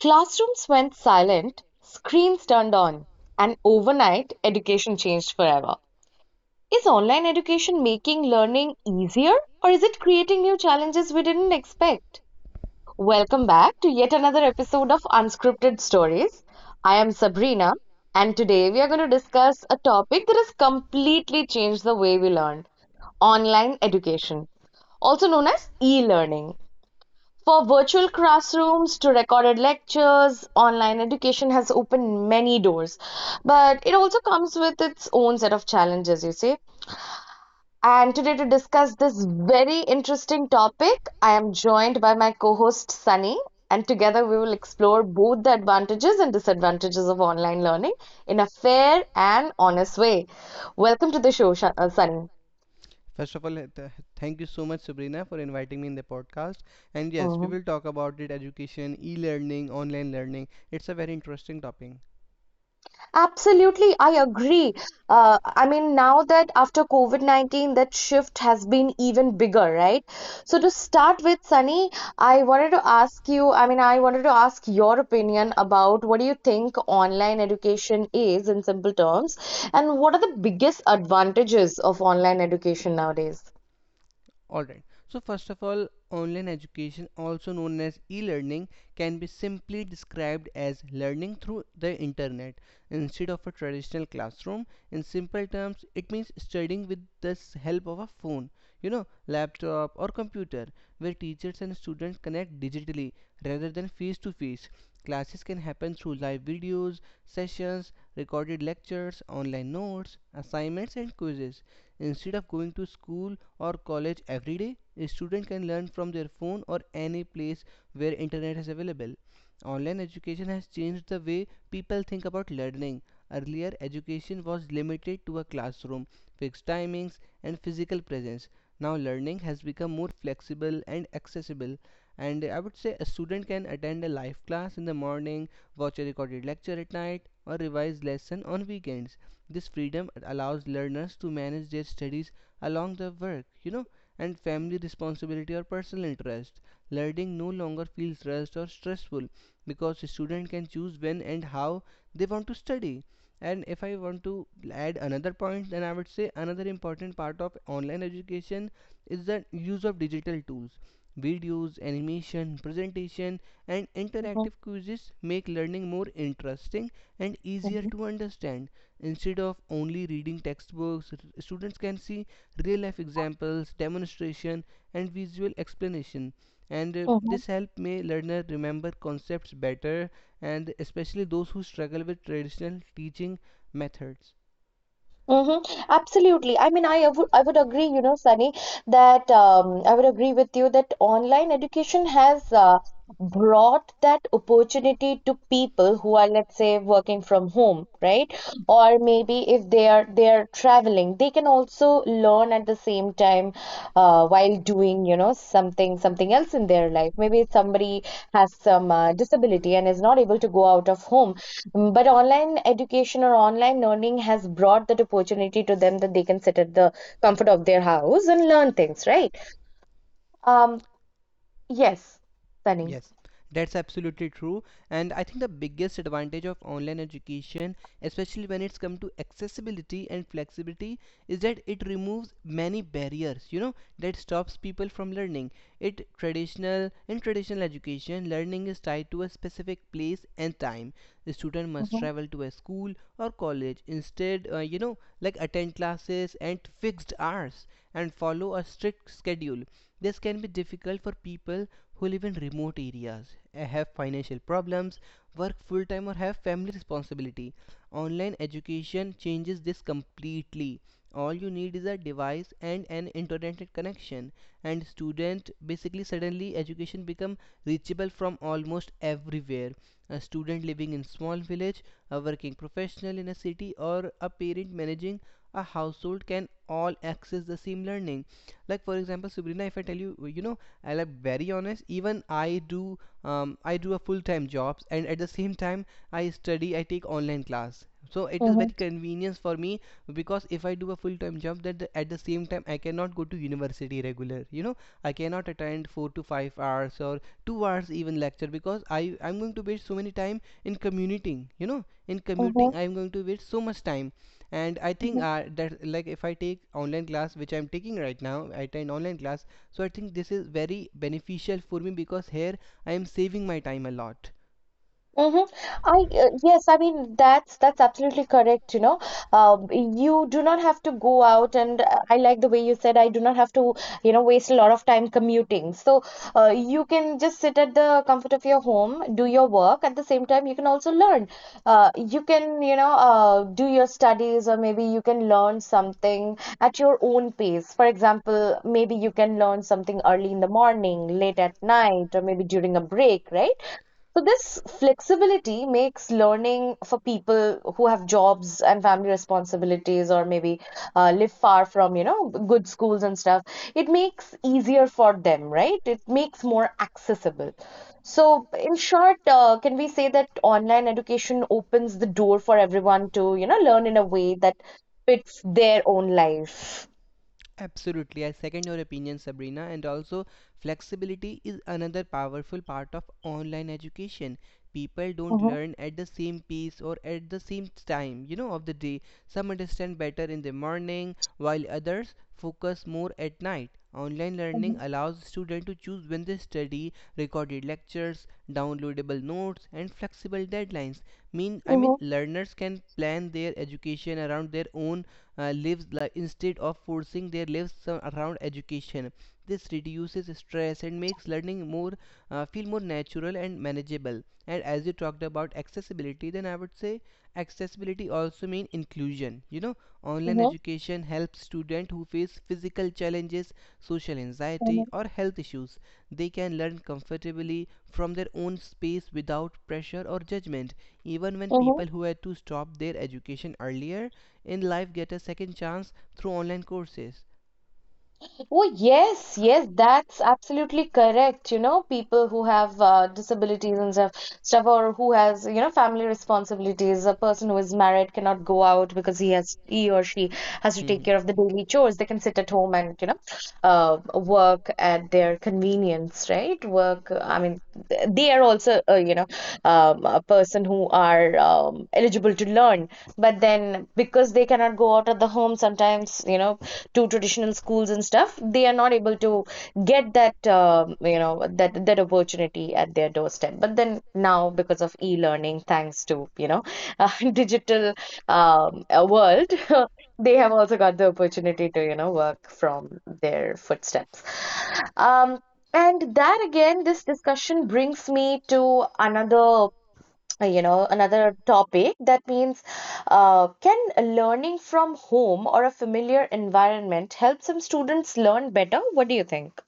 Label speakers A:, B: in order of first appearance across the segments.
A: Classrooms went silent, screens turned on, and overnight education changed forever. Is online education making learning easier, or is it creating new challenges we didn't expect? Welcome back to yet another episode of Unscripted Stories. I am Sabrina, and today we are going to discuss a topic that has completely changed the way we learn: online education, also known as e learning. For virtual classrooms to recorded lectures, online education has opened many doors, but it also comes with its own set of challenges, you see. And today, to discuss this very interesting topic, I am joined by my co host Sunny, and together we will explore both the advantages and disadvantages of online learning in a fair and honest way. Welcome to the show, Sunny.
B: First of all, thank you so much, Sabrina, for inviting me in the podcast. And yes, we will talk about it education, e learning, online learning. It's a very interesting topic.
A: Absolutely, I agree. Now that after COVID-19, that shift has been even bigger, right? So to start with, Sunny, I wanted to ask you, I mean, I wanted to ask your opinion about what do you think online education is in simple terms, and what are the biggest advantages of online education nowadays?
B: Alright, so first of all, online education, also known as e learning, can be simply described as learning through the internet instead of a traditional classroom. In simple terms, it means studying with the help of a phone, laptop, or computer, where teachers and students connect digitally rather than face to face. Classes can happen through live videos, sessions, recorded lectures, online notes, assignments, and quizzes. Instead of going to school or college every day, a student can learn from their phone or any place where internet is available. Online education has changed the way people think about learning. Earlier, education was limited to a classroom, fixed timings, and physical presence. Now, learning has become more flexible and accessible. And I would say a student can attend a live class in the morning, watch a recorded lecture at night, or revise lesson on weekends. This freedom allows learners to manage their studies along the work, and family responsibility or personal interest. Learning no longer feels rushed or stressful because a student can choose when and how they want to study. And if I want to add another point, then I would say another important part of online education is the use of digital tools. Videos, animation, presentation, and
A: Mhm,
B: interactive quizzes make learning more interesting and easier to understand. Instead of only reading textbooks, students can see real life examples, demonstration, and visual explanation. And
A: mhm,
B: this help may learner remember concepts better, and especially those who struggle with traditional teaching methods.
A: mhm. Absolutely. I mean, I would agree, you know, Sunny, that I would agree with you that online education has brought that opportunity to people who are, let's say, working from home, right? Or maybe if they are traveling, they can also learn at the same time while doing, you know, something else in their life. Maybe somebody has some disability and is not able to go out of home. Mm. But online education or online learning has brought that opportunity to them that they can sit at the comfort of their house and learn things, right? Um, yes, Sunny.
B: Yes, that's absolutely true. And I think the biggest advantage of online education, especially when it's come to accessibility and flexibility, is that it removes many barriers that stops people from learning. It traditional in traditional education, learning is tied to a specific place and time. The student must
A: Mm-hmm,
B: travel to a school or college instead, like attend classes at fixed hours and follow a strict schedule. This can be difficult for people who live in remote areas, have financial problems, work full time, or have family responsibility. Online education changes this completely. All you need is a device and an internet connection, and student basically suddenly education become reachable from almost everywhere. A student living in small village, a working professional in a city, or a parent managing a household can all access the same learning. Like for example, Sabrina, if I tell you, you know, I'll be very honest, even I do a full-time jobs, and at the same time I study, I take online class. So it is very convenient for me because if I do a full-time job, at the same time I cannot go to university regular, I cannot attend 4 to 5 hours or 2 hours even lecture because I'm going to waste so many time in commuting,
A: mm-hmm,
B: I'm going to waste so much time. And I think that like if I take online class, which I'm taking right now, I attend online class. So I think this is very beneficial for me because here I am saving my time a lot.
A: mm-hmm. I yes, I mean that's absolutely correct. You know, you do not have to go out, and I like the way you said I do not have to, you know, waste a lot of time commuting. So, you can just sit at the comfort of your home, do your work. At the same time, you can also learn. You can, you know, do your studies, or maybe you can learn something at your own pace. For example, maybe you can learn something early in the morning, late at night, or maybe during a break, right? So this flexibility makes learning for people who have jobs and family responsibilities or maybe live far from, you know, good schools and stuff. It makes easier for them, right? It makes more accessible. So in short, can we say that online education opens the door for everyone to, you know, learn in a way that fits their own life?
B: Absolutely, I second your opinion, Sabrina. And also, flexibility is another powerful part of online education. People don't
A: Mm-hmm,
B: learn at the same pace or at the same time, of the day. Some understand better in the morning, while others focus more at night. Online learning allows students to choose when they study, recorded lectures, downloadable notes, and flexible deadlines. Mean, I
A: mm-hmm,
B: mean, learners can plan their education around their own lives, like instead of forcing their lives around education. This reduces stress and makes learning more feel more natural and manageable. And as you talked about accessibility, then I would say accessibility also mean inclusion. Online
A: mm-hmm,
B: education helps students who face physical challenges, social anxiety, or health issues. They can learn comfortably from their own space without pressure or judgment, even when
A: mm-hmm.
B: people who had to stop their education earlier in life get a second chance through online courses.
A: Oh, yes, yes, that's absolutely correct. You know, people who have disabilities and stuff, or who has, you know, family responsibilities. A person who is married cannot go out because he has, he or she has to take
B: Mhm.
A: care of the daily chores. They can sit at home and, you know, work at their convenience, right? Work, I mean, they are also, you know, a person who are eligible to learn. But then because they cannot go out of the home, sometimes, you know, to traditional schools and stuff, they are not able to get that you know that opportunity at their doorstep. But then now, because of e-learning, thanks to, you know, digital world, they have also got the opportunity to, you know, work from their footsteps. Um, and that again, this discussion brings me to another, you know, another topic that means, can learning from home or a familiar environment help some students learn better? What do you think?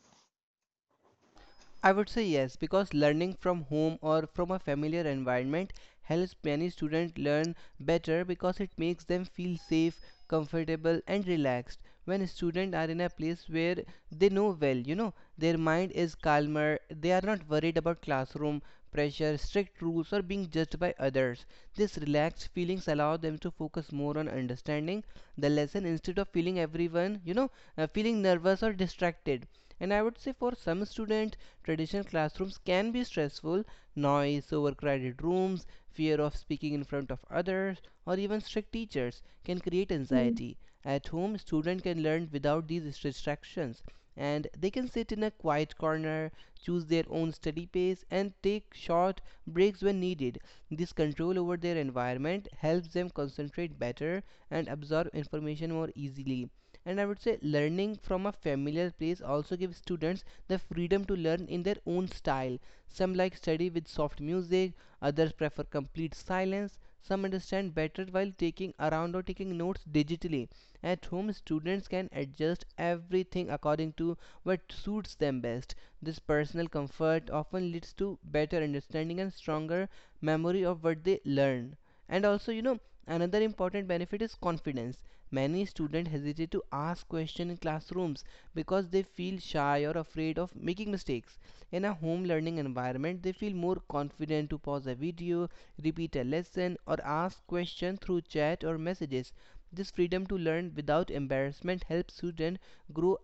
B: I would say yes, because learning from home or from a familiar environment helps many students learn better because it makes them feel safe, comfortable, and relaxed. When students are in a place where they know well, their mind is calmer, they are not worried about classroom pressure, strict rules, or being judged by others. These relaxed feelings allow them to focus more on understanding the lesson instead of feeling everyone, you know, feeling nervous or distracted. And I would say for some students, traditional classrooms can be stressful, noise, overcrowded rooms, fear of speaking in front of others or even strict teachers can create anxiety. At home, students can learn without these distractions, and they can sit in a quiet corner, choose their own study pace, and take short breaks when needed. This control over their environment helps them concentrate better and absorb information more easily. And I would say learning from a familiar place also gives students the freedom to learn in their own style. Some like study with soft music, others prefer complete silence. Some understand better while taking around or taking notes digitally. At home, students can adjust everything according to what suits them best. This personal comfort often leads to better understanding and stronger memory of what they learn. And also, another important benefit is confidence. Many students hesitate to ask questions in classrooms because they feel shy or afraid of making mistakes. In a home learning environment, they feel more confident to pause a video, repeat a lesson, or ask questions through chat or messages. This freedom to learn without embarrassment helps students grow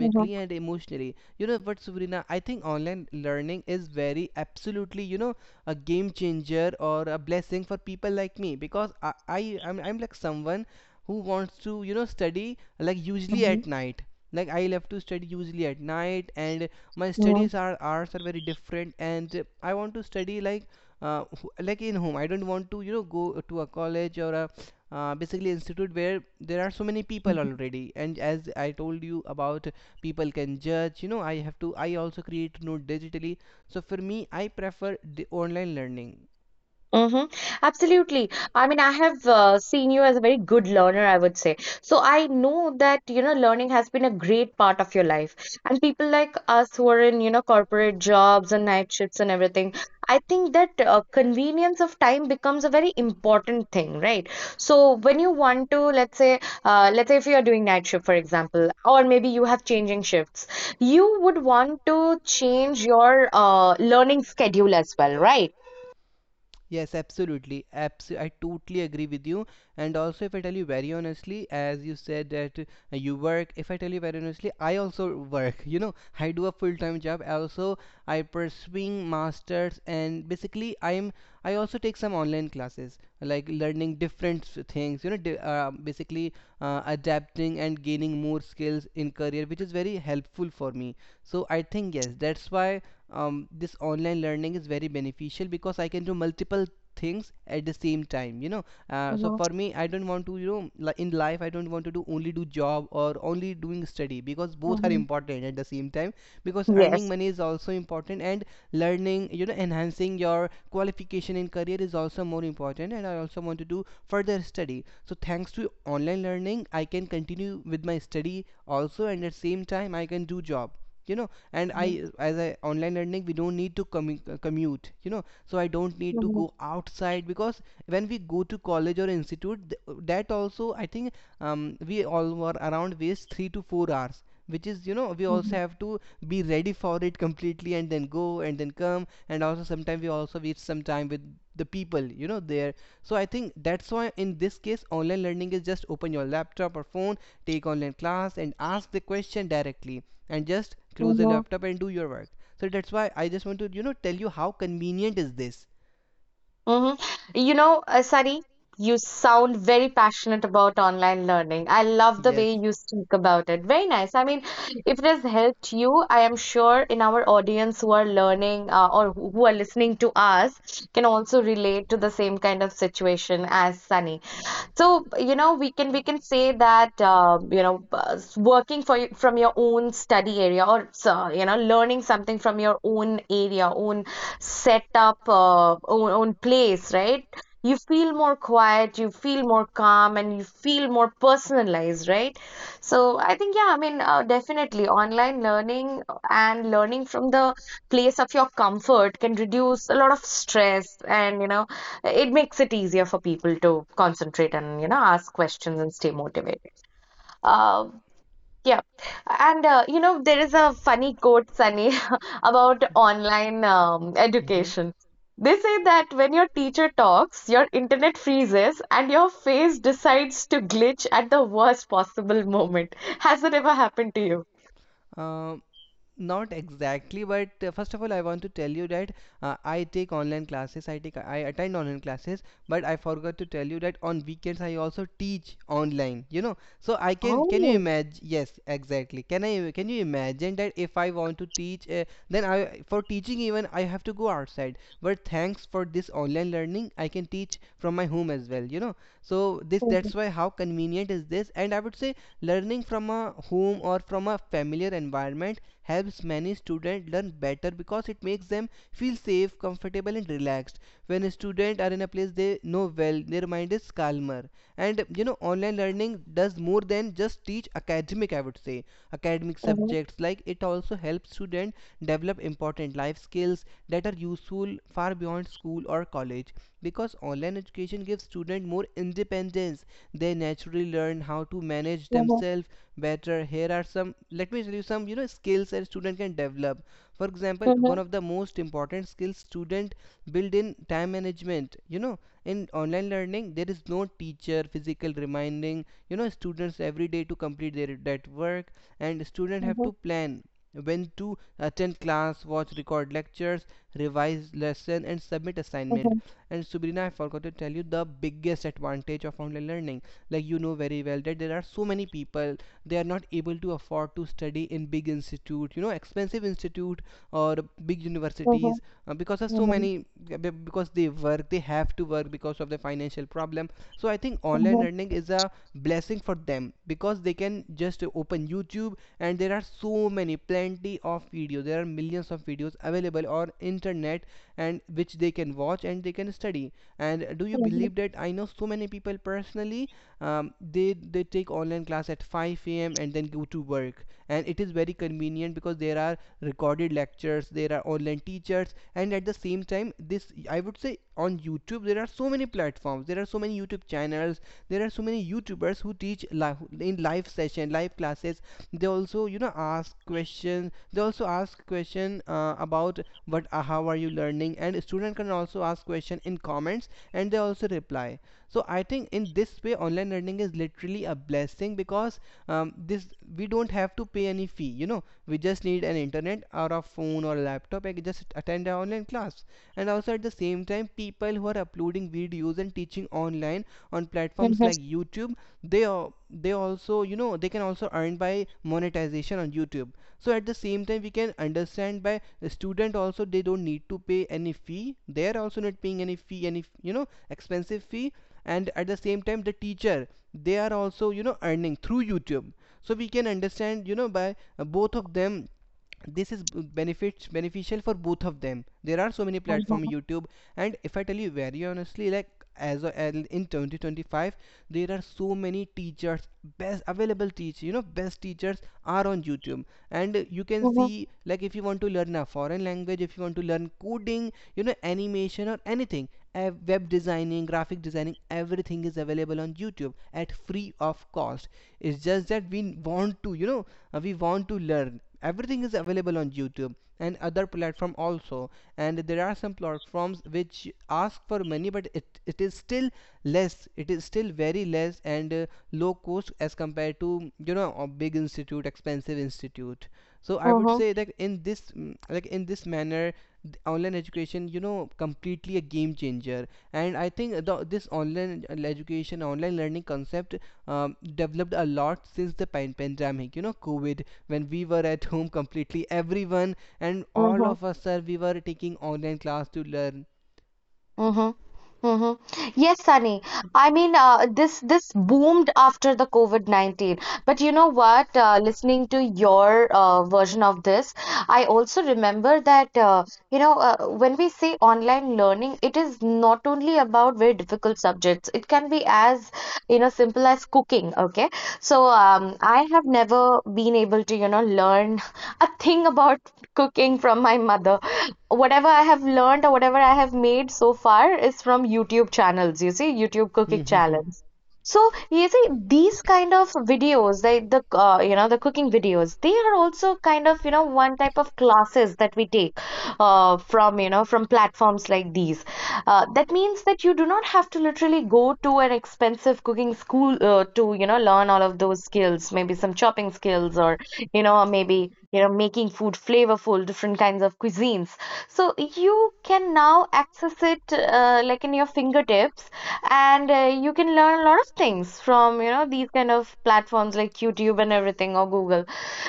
A: Mm-hmm.
B: and emotionally. You know what, Suvrina, I think online learning is very absolutely, a game changer or a blessing for people like me because I'm like someone who wants to study like usually at night. Like, I love to study usually at night, and my studies are hours are very different. And I want to study like in home. I don't want to go to a college or a basically institute where there are so many people already. And as I told you about, people can judge, you know. I have to, I also create note digitally. So for me, I prefer the online learning.
A: Mm-hmm. Absolutely. I mean, I have seen you as a very good learner, I would say. So I know that, you know, learning has been a great part of your life. And people like us who are in, you know, corporate jobs and night shifts and everything, I think that convenience of time becomes a very important thing, right? So when you want to, let's say, let's say if you are doing night shift, for example, or maybe you have changing shifts, you would want to change your learning schedule as well, right?
B: Yes, absolutely. I totally agree with you. And also, if I tell you very honestly, as you said that you work, if I tell you very honestly, I also work. You know, I do a full-time job also. I pursuing masters, and basically I also take some online classes like learning different things, you know di- basically adapting and gaining more skills in career, which is very helpful for me. So I think yes, that's why this online learning is very beneficial because I can do multiple things at the same time. So
A: Mhm,
B: for me, I don't want to in life, I don't want to do only do job or only doing study because both are
A: mhm.
B: important at the same time, because earning
A: Yes.
B: money is also important, and learning, enhancing your qualification in career, is also more important. And I also want to do further study. So thanks to online learning, I can continue with my study also. And at the same time, I can do job. And I,
A: Mhm,
B: as a online learning, we don't need to commute. So I don't need to
A: mhm,
B: go outside, because when we go to college or institute, that also I think we all were around waste 3 to 4 hours, which is, we also
A: mhm,
B: have to be ready for it completely and then go and then come. And also sometimes we also waste some time with the people there. So I think that's why in this case, online learning is just open your laptop or phone, take online class, and ask the question directly, and just close the
A: mhm,
B: laptop and do your work. So that's why I just want to tell you how convenient is this.
A: mhm. You know, Sari, you sound very passionate about online learning. I love the
B: Yes.
A: way you speak about it. Very nice. I mean, if it has helped you, I am sure in our audience who are learning or who are listening to us can also relate to the same kind of situation as Sunny. So, you know, we can say that you know, working for from your own study area or so, you know, learning something from your own area, own setup, own, own place, right? You feel more quiet, you feel more calm, and you feel more personalized, right? So I think, yeah, I mean, definitely online learning and learning from the place of your comfort can reduce a lot of stress and, you know, it makes it easier for people to concentrate and, you know, ask questions and stay motivated. um yeah, and you know, there is a funny quote, Sunny, about online education. They say that when your teacher talks, your internet freezes and your face decides to glitch at the worst possible moment. Has it ever happened to you?
B: Um, Not exactly, but first of all, I want to tell you that I take online classes. I attend online classes, but I forgot to tell you that on weekends, I also teach online. You know, so I can you
A: Oh.
B: imagine? Yes, exactly. Can you imagine that if I want to teach, then I, for teaching, even I have to go outside. But thanks for this online learning, I can teach from my home as well. You know, so this
A: Mhm,
B: that's why how convenient is this? And I would say learning from a home or from a familiar environment helps many students learn better because it makes them feel safe, comfortable, and relaxed. When students are in a place they know well, their mind is calmer. And online learning does more than just teach academic, I would say, academic
A: mhm,
B: subjects. Like, it also helps students develop important life skills that are useful far beyond school or college. Because online education gives students more independence, they naturally learn how to manage
A: mhm,
B: themselves better. Here are some, let me tell you some, skills that student can develop. For example, one
A: mhm,
B: of the most important skills student build in time management. In online learning there is no teacher physical reminding students every day to complete their that work, and student have
A: mhm,
B: to plan when to attend class, watch record lectures, revise lesson and submit assignment.
A: mhm,
B: And Subrina, I forgot to tell you the biggest advantage of online learning. Like, very well that there are so many people they are not able to afford to study in big institute, expensive institute or big
A: mhm,
B: universities, because of so
A: mhm,
B: many, because they work, they have to work because of the financial problem. So I think
A: mhm,
B: online
A: mhm,
B: learning is a blessing for them, because they can just open YouTube and there are so many plenty of videos, there are millions of videos available on internet, and which they can watch and they can study. And do you
A: mhm,
B: believe that I know so many people personally, they take online class at 5 a.m and then go to work, and it is very convenient because there are recorded lectures, there are online teachers. And at the same time, this, I would say, on YouTube there are so many platforms, there are so many YouTube channels, there are so many YouTubers who teach live in live session, live classes. They also ask questions, they also ask question, about what, how are you learning. And student can also ask question in comments and they also reply. So I think in this way, online learning is literally a blessing. Because this, we don't have to pay any fee. We just need an internet or a phone or a laptop and just attend an online class. And also at the same time, people who are uploading videos and teaching online on platforms
A: mhm,
B: like YouTube, they are, they also, they can also earn by monetization on YouTube. So at the same time, we can understand by the student also, they don't need to pay any fee, they are also not paying any fee, any, expensive fee. And at the same time, the teacher, they are also, earning through YouTube. So we can understand, by both of them, this is benefits beneficial for both of them. There are so many
A: mhm,
B: platforms,
A: mhm,
B: YouTube. And if I tell you very honestly, like, as a- in 2025 there are so many teachers best available teach, best teachers are on YouTube. And you can
A: mhm,
B: see, like, if you want to learn a foreign language, if you want to learn coding, animation or anything, web designing, graphic designing, everything is available on YouTube at free of cost. It's just that we want to, we want to learn. Everything is available on YouTube and other platform also. And there are some platforms which ask for money, but it is still less, it is still very less and low cost as compared to, a big institute, expensive institute. So I would
A: mm-hmm,
B: say that in this, like, in this manner, online education, completely a game changer. And I think the, this online education, online learning concept developed a lot since the pandemic, COVID, when we were at home completely, everyone and all
A: mm-hmm,
B: of us, sir, we were taking online class to learn.
A: mm-hmm, mm-hmm. Yes, Sunny. I mean, this boomed after the COVID-19. But you know what? Listening to your version of this, I also remember that you know, when we say online learning, it is not only about very difficult subjects. It can be, as you know, simple as cooking. Okay, so I have never been able to, you know, learn a thing about cooking from my mother. Whatever I have learned or whatever I have made so far is from YouTube channels, you see, YouTube cooking channels. So you see, these kind of videos, like the, you know, the cooking videos, they are also kind of, you know, one type of classes that we take from, you know, from platforms like these. That means that you do not have to literally go to an expensive cooking school to, you know, learn all of those skills, maybe some chopping skills or, you know, maybe, you know, making food flavorful, different kinds of cuisines. So you can now access it like in your fingertips, and you can learn a lot of things from, you know, these kind of platforms like YouTube and everything or Google.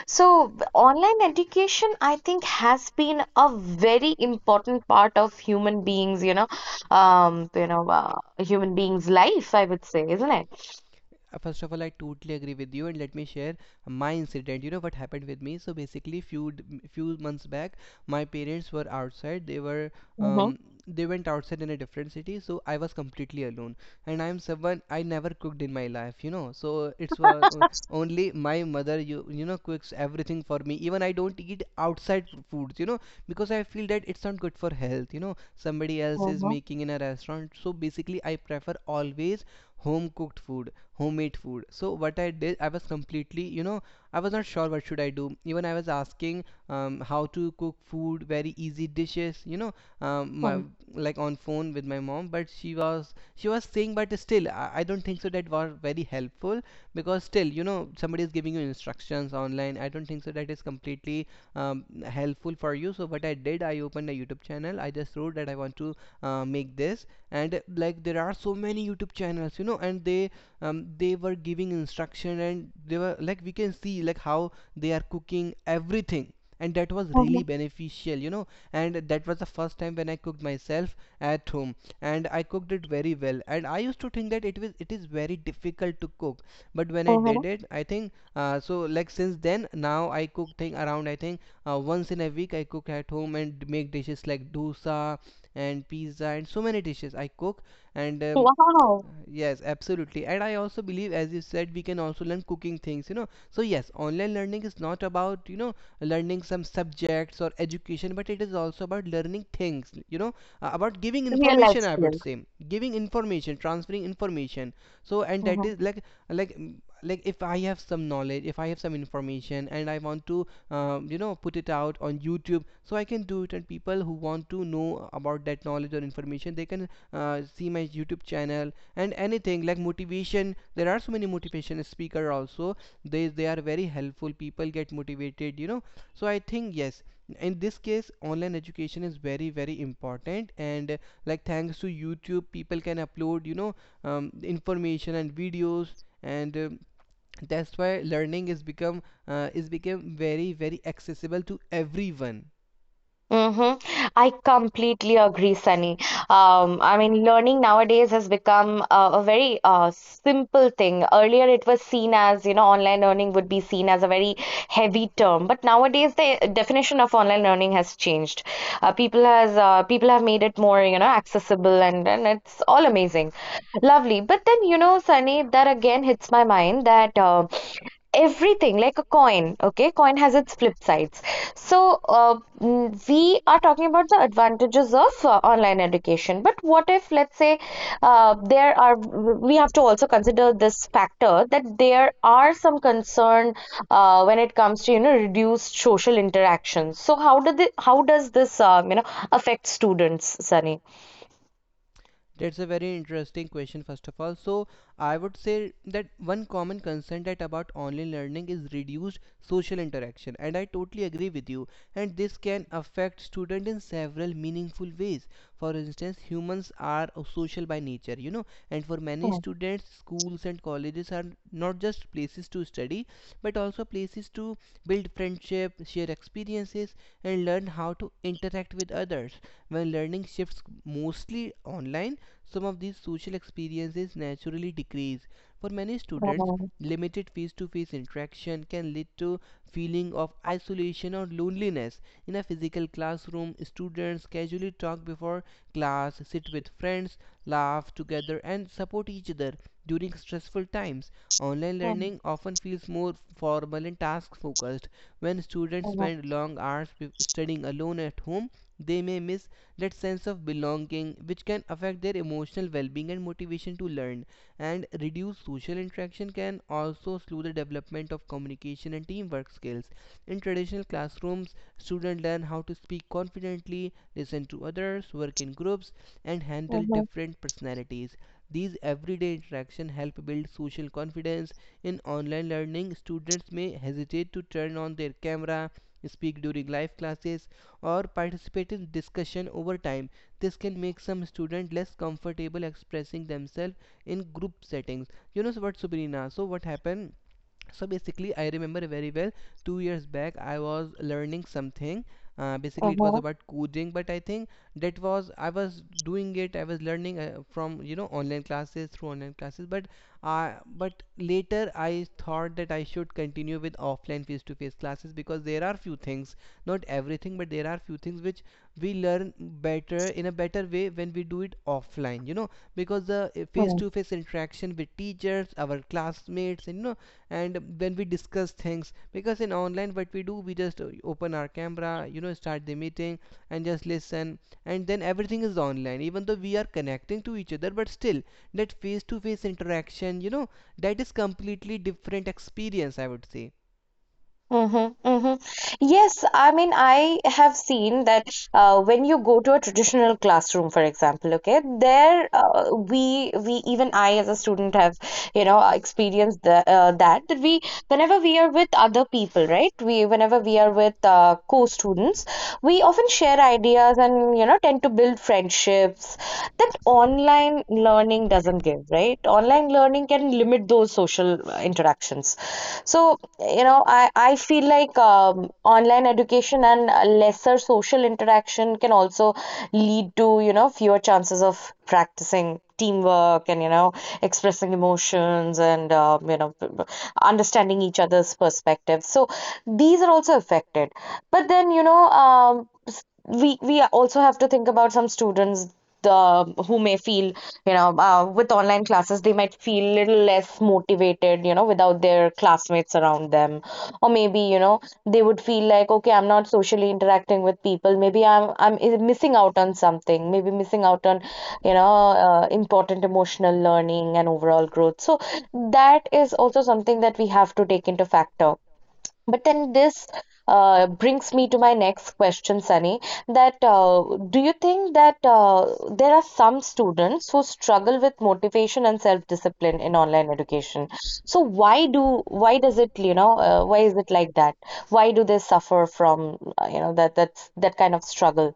A: So, online education, I think, has been a very important part of human beings, you know, a human being's life, I would say, isn't it?
B: First of all, I totally agree with you, and let me share my incident, what happened with me. So basically, few months back, my parents were outside, they were,
A: Mm-hmm,
B: um, they went outside in a different city. So I was completely alone, and I am someone, I never cooked in my life, so it's only my mother you know cooks everything for me. Even I don't eat outside foods, because I feel that it's not good for health. Somebody else is
A: mm-hmm,
B: making in a restaurant, so basically I prefer always home cooked food, homemade food. So what I did, I was completely, I was not sure what should I do. Even I was asking, how to cook food, very easy dishes, my,
A: mm-hmm,
B: like, on phone with my mom. But she was, she was saying, but still I don't think so that was very helpful, because still, somebody is giving you instructions online, I don't think so that is completely helpful for you. So what I did, I opened a YouTube channel. I just wrote that I want to make this, and like there are so many YouTube channels, and they were giving instruction, and they were like, we can see, like, how they are cooking everything. And that was really beneficial, and that was the first time when I cooked myself at home, and I cooked it very well. And I used to think that it was, it is very difficult to cook, but when I did
A: mm-hmm.
B: it, I think so, like, since then now I cook thing around, I think, once in a week I cook at home and make dishes like dosa and pizza and so many dishes I cook. And
A: Wow,
B: yes, absolutely. And I also believe, as you said, we can also learn cooking things, you know. So yes, online learning is not about, you know, learning some subjects or education, but it is also about learning things, you know, about giving
A: real life
B: information, I would
A: skills.
B: say, giving information, transferring information. So, and that is like, like, mm, like, if I have some knowledge, if I have some information and I want to, put it out on YouTube, so I can do it. And people who want to know about that knowledge or information, they can see my YouTube channel. And anything like motivation, there are so many motivation speaker also, they are very helpful, people get motivated, you know. So I think yes, in this case, online education is very very important. And like, thanks to YouTube, people can upload, information and videos. And that's why learning is become, is become very very accessible to everyone.
A: Mm-hmm. I completely agree, Sunny. I mean, learning nowadays has become a very simple thing. Earlier, it was seen as, you know, online learning would be seen as a very heavy term. But nowadays, the definition of online learning has changed. People have made it more, you know, accessible, and it's all amazing, lovely. But then, you know, Sunny, that again hits my mind that. Everything like a coin, okay, coin has its flip sides. So we are talking about the advantages of online education, but what if, let's say, there are we have to also consider this factor that there are some concern when it comes to, you know, reduced social interactions. So how do the how does this, you know, affect students, Sunny?
B: That's a very interesting question, first of all. So I would say that one common concern that about online learning is reduced social interaction, and I totally agree with you. And this can affect students in several meaningful ways. For instance, humans are social by nature, you know, and for many
A: Mhm,
B: students, schools and colleges are not just places to study, but also places to build friendship, share experiences, and learn how to interact with others. When learning shifts mostly online, some of these social experiences naturally decrease. For many students,
A: mhm,
B: limited face-to-face interaction can lead to feeling of isolation or loneliness. In a physical classroom, students casually talk before class, sit with friends, laugh together and support each other during stressful times. Online learning often feels more formal and task focused. When students
A: mhm,
B: spend long hours studying alone at home, they may miss that sense of belonging, which can affect their emotional well being and motivation to learn. And reduced social interaction can also slow the development of communication and teamwork skills. In traditional classrooms, students learn how to speak confidently, listen to others, work in groups, and handle
A: mhm,
B: different personalities. These everyday interactions help build social confidence. In online learning, students may hesitate to turn on their camera, speak during live classes, or participate in discussion over time. This can make some students less comfortable expressing themselves in group settings. You know, so what, Subrina? So what happened? So basically, I remember very well, 2 years back I was learning something, basically
A: mhm,
B: it was
A: mhm,
B: about coding. But I think that was, I was doing it, I was learning from, online classes, through online classes. But uh, but later I thought that I should continue with offline face to face classes because there are few things, not everything, but there are few things which we learn better in a better way when we do it offline, because the face
A: mhm.
B: to face interaction with teachers, our classmates, and you know and when we discuss things. Because in online, what we do, we just open our camera, start the meeting, and just listen. And then everything is online. Even though we are connecting to each other, but still that face to face interaction, that is completely different experience, I would say.
A: Mm-hmm, mm-hmm. Yes, I mean, I have seen that when you go to a traditional classroom, for example, okay, there we even I as a student have, you know, experienced the, that that we whenever we are with other people, right? We whenever we are with co-students, we often share ideas and, you know, tend to build friendships that online learning doesn't give, right? Online learning can limit those social interactions. So, you know, I feel like online education and lesser social interaction can also lead to, you know, fewer chances of practicing teamwork and, you know, expressing emotions and, you know, understanding each other's perspectives. So these are also affected. But then, you know, we also have to think about some students the who may feel with online classes they might feel little less motivated, you know, without their classmates around them. Or maybe, you know, they would feel like, okay, I'm not socially interacting with people, maybe I'm missing out on something, maybe missing out on important emotional learning and overall growth. So that is also something that we have to take into factor. But then this brings me to my next question, Sunny, that do you think that there are some students who struggle with motivation and self-discipline in online education? So why does it, you know, why is it like that? Why do they suffer from, that kind of struggle?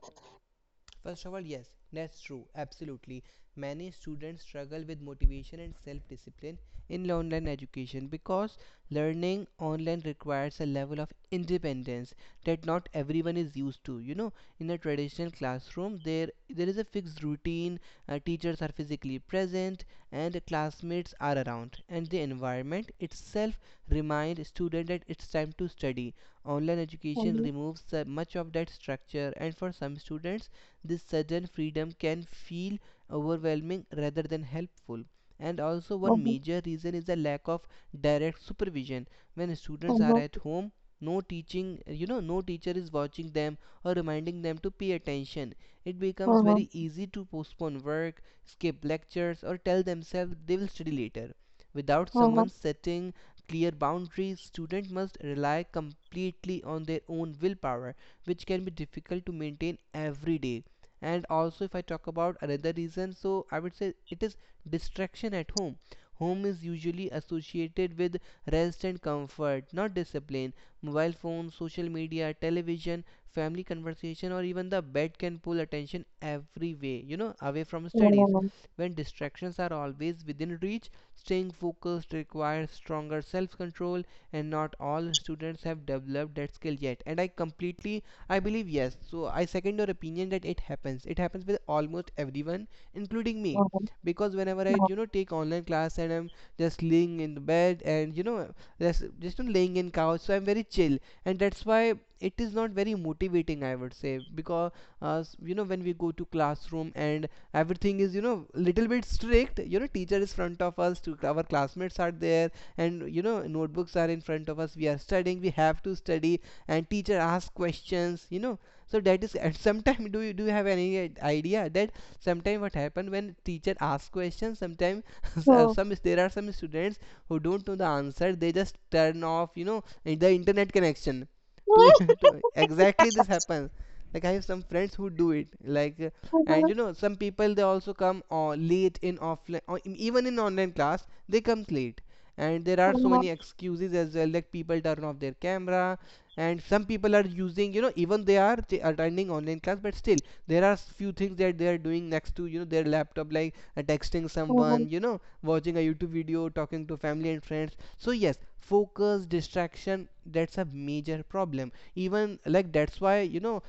B: First of all, yes, that's true. Absolutely. Many students struggle with motivation and self discipline in online education because learning online requires a level of independence that not everyone is used to. You know, in a traditional classroom, there is a fixed routine, teachers are physically present, and classmates are around, and the environment itself reminds student that it's time to study. Online education
A: Mhm,
B: removes much of that structure, and for some students, this sudden freedom can feel overwhelming rather than helpful. And also, one
A: mhm,
B: major reason is the lack of direct supervision. When students are
A: mhm,
B: at home, no teaching, no teacher is watching them or reminding them to pay attention. It becomes
A: mhm,
B: very easy to postpone work, skip lectures, or tell themselves they will study later. Without
A: mhm,
B: someone setting clear boundaries, students must rely completely on their own willpower, which can be difficult to maintain every day. And also, if I talk about another reason, so I would say it is distraction at home. Home is usually associated with rest and comfort, not discipline. Mobile phones, social media, television, family conversation, or even the bed can pull attention every way, away from studies.
A: mhm,
B: When distractions are always within reach, staying focused requires stronger self control, and not all students have developed that skill yet. And I believe, yes. So I second your opinion that it happens. It happens with almost everyone, including me.
A: mhm, mhm,
B: Because whenever I,
A: mhm.
B: take online class and I'm just laying in the bed and, just laying in couch, so I'm very chill, and that's why it is not very motivating. I would say. Because when we go to classroom and everything is, little bit strict. You know, teacher is front of us, to our classmates are there, and, notebooks are in front of us. We are studying. We have to study, and teacher asks questions, so that is. And sometimes, do you have any idea that sometimes what happen when teacher asks questions, sometimes
A: Mhm,
B: some there are some students who don't know the answer, they just turn off, the internet connection to, to, exactly, this happens. Like, I have some friends who do it. Like, and, you know, some people they also come late in offline or even in online class, they come late. And there are so many excuses as well. Like, people turn off their camera, and some people are using, you know, even they are attending online class, but still there are few things that they are doing next to, you know, their laptop, like texting
A: mhm,
B: someone, watching a YouTube video, talking to family and friends. So yes, focus, distraction, that's a major problem. Even like, that's why, you know,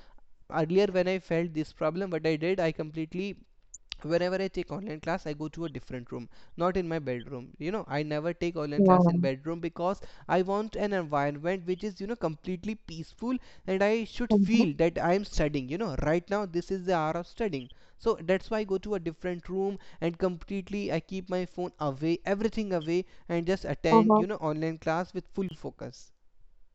B: earlier when I felt this problem, what I did, I completely, whenever I take online class, I go to a different room, not in my bedroom. I never take online class in
A: mhm,
B: bedroom because I want an environment which is, you know, completely peaceful, and I should
A: mhm, mhm,
B: feel that I am studying. Right now this is the hour of studying, so that's why I go to a different room and completely I keep my phone away, everything away, and just attend,
A: mhm.
B: online class with full focus.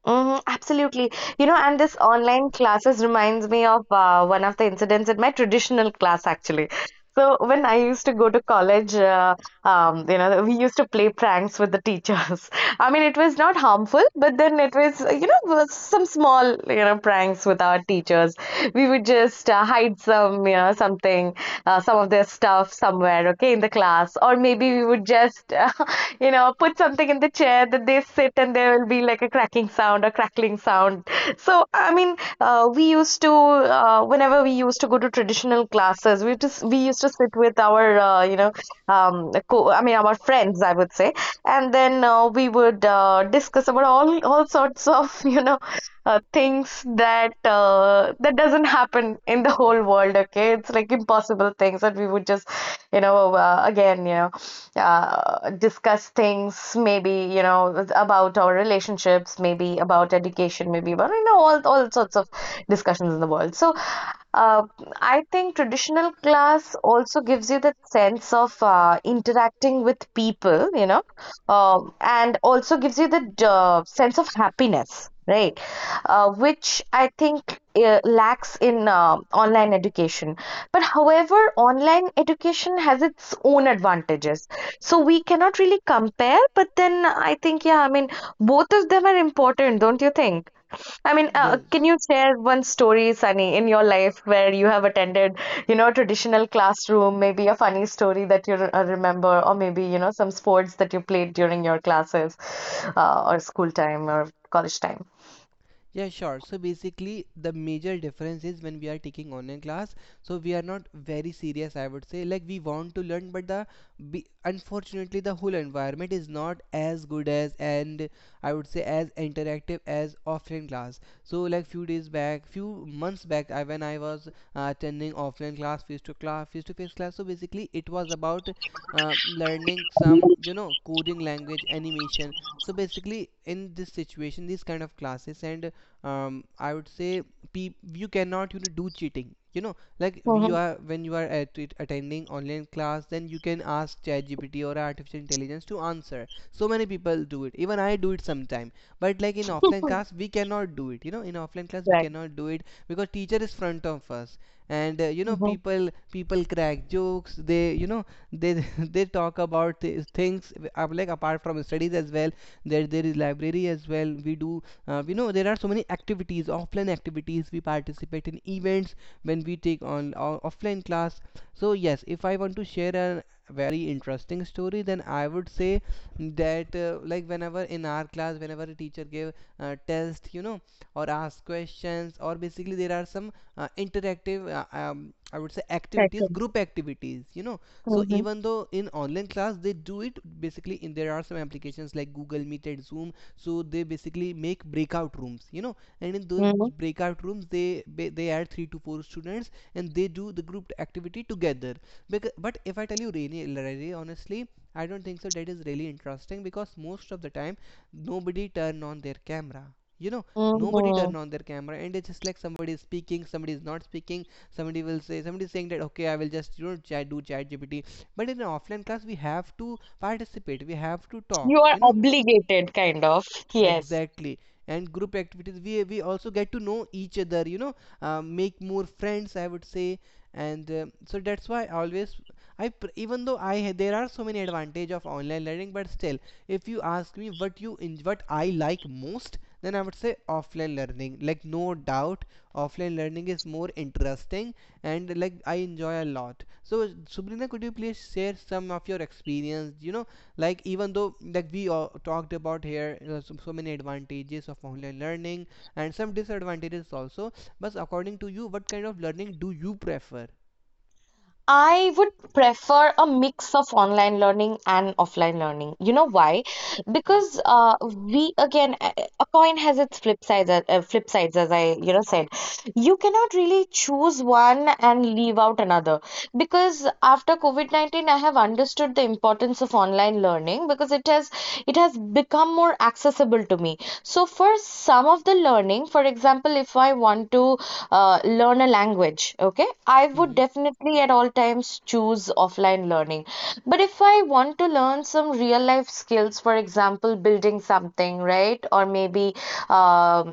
A: Mhm, absolutely. You know, and this online classes reminds me of one of the incidents at my traditional class, actually. So when I used to go to college, you know, we used to play pranks with the teachers. I mean, it was not harmful, but then it was, you know, was some small, you know, pranks with our teachers. We would just hide some, you know, something, some of their stuff somewhere, okay, in the class. Or maybe we would just, you know, put something in the chair that they sit and there will be like a cracking sound or crackling sound. So, I mean, we used to, whenever we used to go to traditional classes, we used to sit with our, you know, co I mean, our friends, I would say. And then we would discuss about all sorts of, you know, things that that doesn't happen in the whole world. Okay, it's like impossible things that we would just, you know, discuss things. Maybe, you know, about our relationships, maybe about education, maybe about, you know, all sorts of discussions in the world. So Um, I think traditional class also gives you that sense of interacting with people, you know, and also gives you the sense of happiness, right? Which I think lacks in online education. But however, online education has its own advantages. So we cannot really compare, but then I think, yeah, I mean, both of them are important, don't you think? I mean, can
B: Yes.
A: you share one story, Sunny, in your life where you have attended, you know, a traditional classroom, maybe a funny story that you remember, or maybe, you know, some sports that you played during your classes, or school time or college time?
B: Yeah, sure. So basically, the major difference is when we are taking online class, so we are not very serious, I would say. Like, we want to learn, but unfortunately the whole environment is not as good as, and I would say as interactive as, offline class. So like, few days back, few months back, I when I was attending offline class, face to face class. So basically, it was about learning some, coding language, animation. So basically, in this situation, these kind of classes, and I would say, peop you cannot, do cheating. You know, like, you
A: Mm-hmm.
B: are, when you are attending online class, then you can ask ChatGPT or artificial intelligence to answer. So many people do it. Even I do it sometime. But like in offline class, we cannot do it. You know, in offline class we
A: Right.
B: cannot do it because teacher is front of us, and
A: Mm-hmm.
B: people crack jokes. They you know they they talk about things, like, apart from studies as well, there is library as well. We do, there are so many activities, offline activities, we participate in events when we take offline class. So yes, if I want to share a very interesting story, then I would say that, like, whenever in our class, whenever a teacher gave test, or asked questions, or basically, there are some interactive, I would say activities,
A: Second.
B: group activities, so
A: Mm-hmm.
B: even though in online class they do it, basically in there are some applications like Google Meet and Zoom, so they basically make breakout rooms, and in those
A: Mm-hmm.
B: breakout rooms they add three to four students and they do the group activity together. Because, but if I tell you really, really honestly, I don't think so that is really interesting because most of the time nobody turn on their camera. you know nobody turn
A: Mm-hmm.
B: on their camera, and it's just like somebody is speaking, somebody is not speaking, somebody is saying that, okay, I will just, chat do chat gpt. But in an offline class, we have to participate, we have to talk,
A: You are
B: you know,
A: obligated, kind of. Yes.
B: exactly. And group activities, we also get to know each other, you know, make more friends, I would say. And so that's why I always I pr- even though there are so many advantage of online learning, but still if you ask me what you in what I like most, then I would say offline learning. Like, no doubt offline learning is more interesting and, like, I enjoy a lot. So Sabrina, could you please share some of your experience? You know, like, even though, like, we all talked about here, so, so many advantages of online learning and some disadvantages also. But according to you, what kind of learning do you prefer?
A: I would prefer a mix of online learning and offline learning. You know why?
B: Hmm.
A: Because a coin has its flip sides. Flip sides, as I, you know, said, you cannot really choose one and leave out another. Because after COVID 19, I have understood the importance of online learning because it has become more accessible to me. So for some of the learning, for example, if I want to learn a language, okay, I would
B: Mm-hmm.
A: definitely at all times choose offline learning. But if I want to learn some real life skills, for example, building something, right? Or maybe um,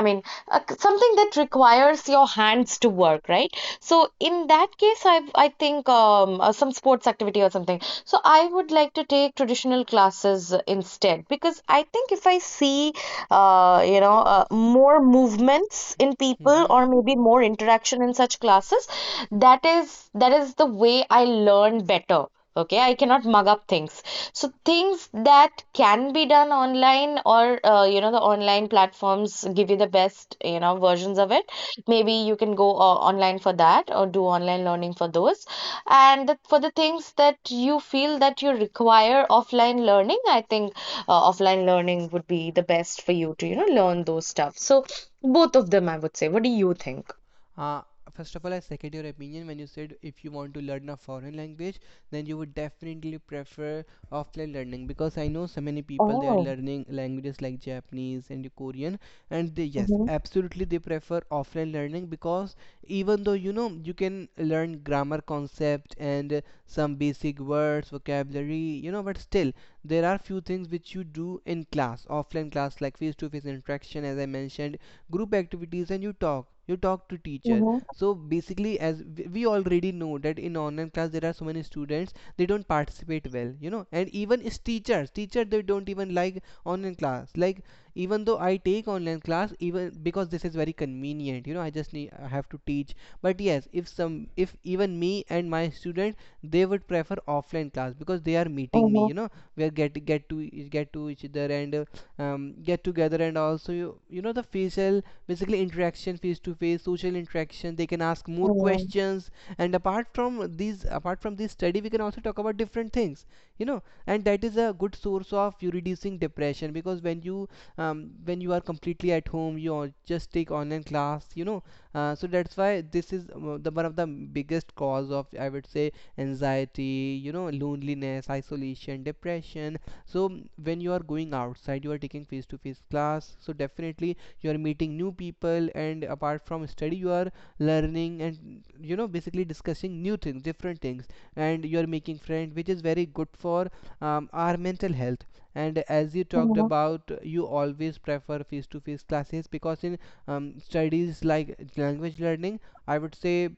A: i mean something that requires your hands to work, right? So in that case, I think some sports activity or something, so I would like to take traditional classes instead. Because I think if I see you know, more movements in people,
B: Mm-hmm.
A: or maybe more interaction in such classes. That is the way I learn better. Okay, I cannot mug up things. So things that can be done online, or you know, the online platforms give you the best, you know, versions of it. Maybe you can go online for that or do online learning for those. And for the things that you feel that you require offline learning, I think offline learning would be the best for you to, you know, learn those stuff. So both of them, I would say. What do you think?
B: uh, First of all, I second your opinion when you said if you want to learn a foreign language, then you would definitely prefer offline learning because I know so many people, they are
A: Oh.
B: learning languages like Japanese and Korean, and they yes,
A: Mm-hmm.
B: absolutely, they prefer offline learning because even though, you can learn grammar concept and some basic words vocabulary, but still there are few things which you do in class, offline class, like face to face interaction, as I mentioned, group activities, and you talk to teacher.
A: Mm-hmm.
B: So basically, as we already know, that in online class there are so many students they don't participate well, and even is teachers teacher they don't even like online class. Like, even though I take online class, even because this is very convenient, I just need I have to teach, but yes, if some if even me and my student, they would prefer offline class because they are meeting me,
A: Mm-hmm.
B: we are get to each other, and get together. And also, the facial, basically interaction, face to face, social interaction, they can ask more questions, and apart from these, apart from this study, we can also talk about different things, you know, and that is a good source of you reducing depression because when you are completely at home, you just take online class, so that's why this is the one of the biggest cause of, I would say, anxiety, loneliness, isolation, depression. So when you are going outside, you are taking face to face class, so definitely you are meeting new people, and apart from study, you are learning and, basically discussing new things, different things, and you are making friends, which is very good for our Mental health. And as you talked
A: Mm-hmm.
B: about, you always prefer face to face classes because in studies like language learning, I would say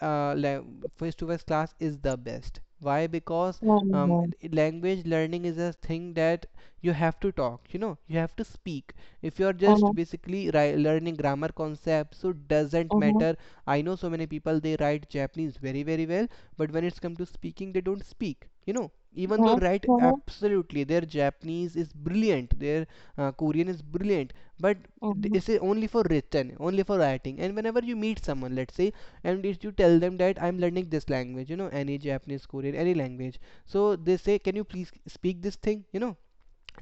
B: uh, face to face class is the best. Why? Because um,
A: Mm-hmm.
B: language learning is a thing that you have to talk, you know, you have to speak. If you're
A: Mm-hmm.
B: just
A: Mm-hmm.
B: basically learning grammar concepts, so doesn't
A: Mm-hmm.
B: matter. I know so many people, they write Japanese very very well, but when it's come to speaking, they don't speak, you know. Even though
A: Mm-hmm.
B: write
A: Mm-hmm.
B: absolutely, their Japanese is brilliant, their Korean is brilliant, but
A: Mm-hmm.
B: it's only for written, only for writing. And whenever you meet someone, let's say, and if you tell them that I'm learning this language, you know, any Japanese, Korean, any language, so they say, "Can you please speak this thing?" You know,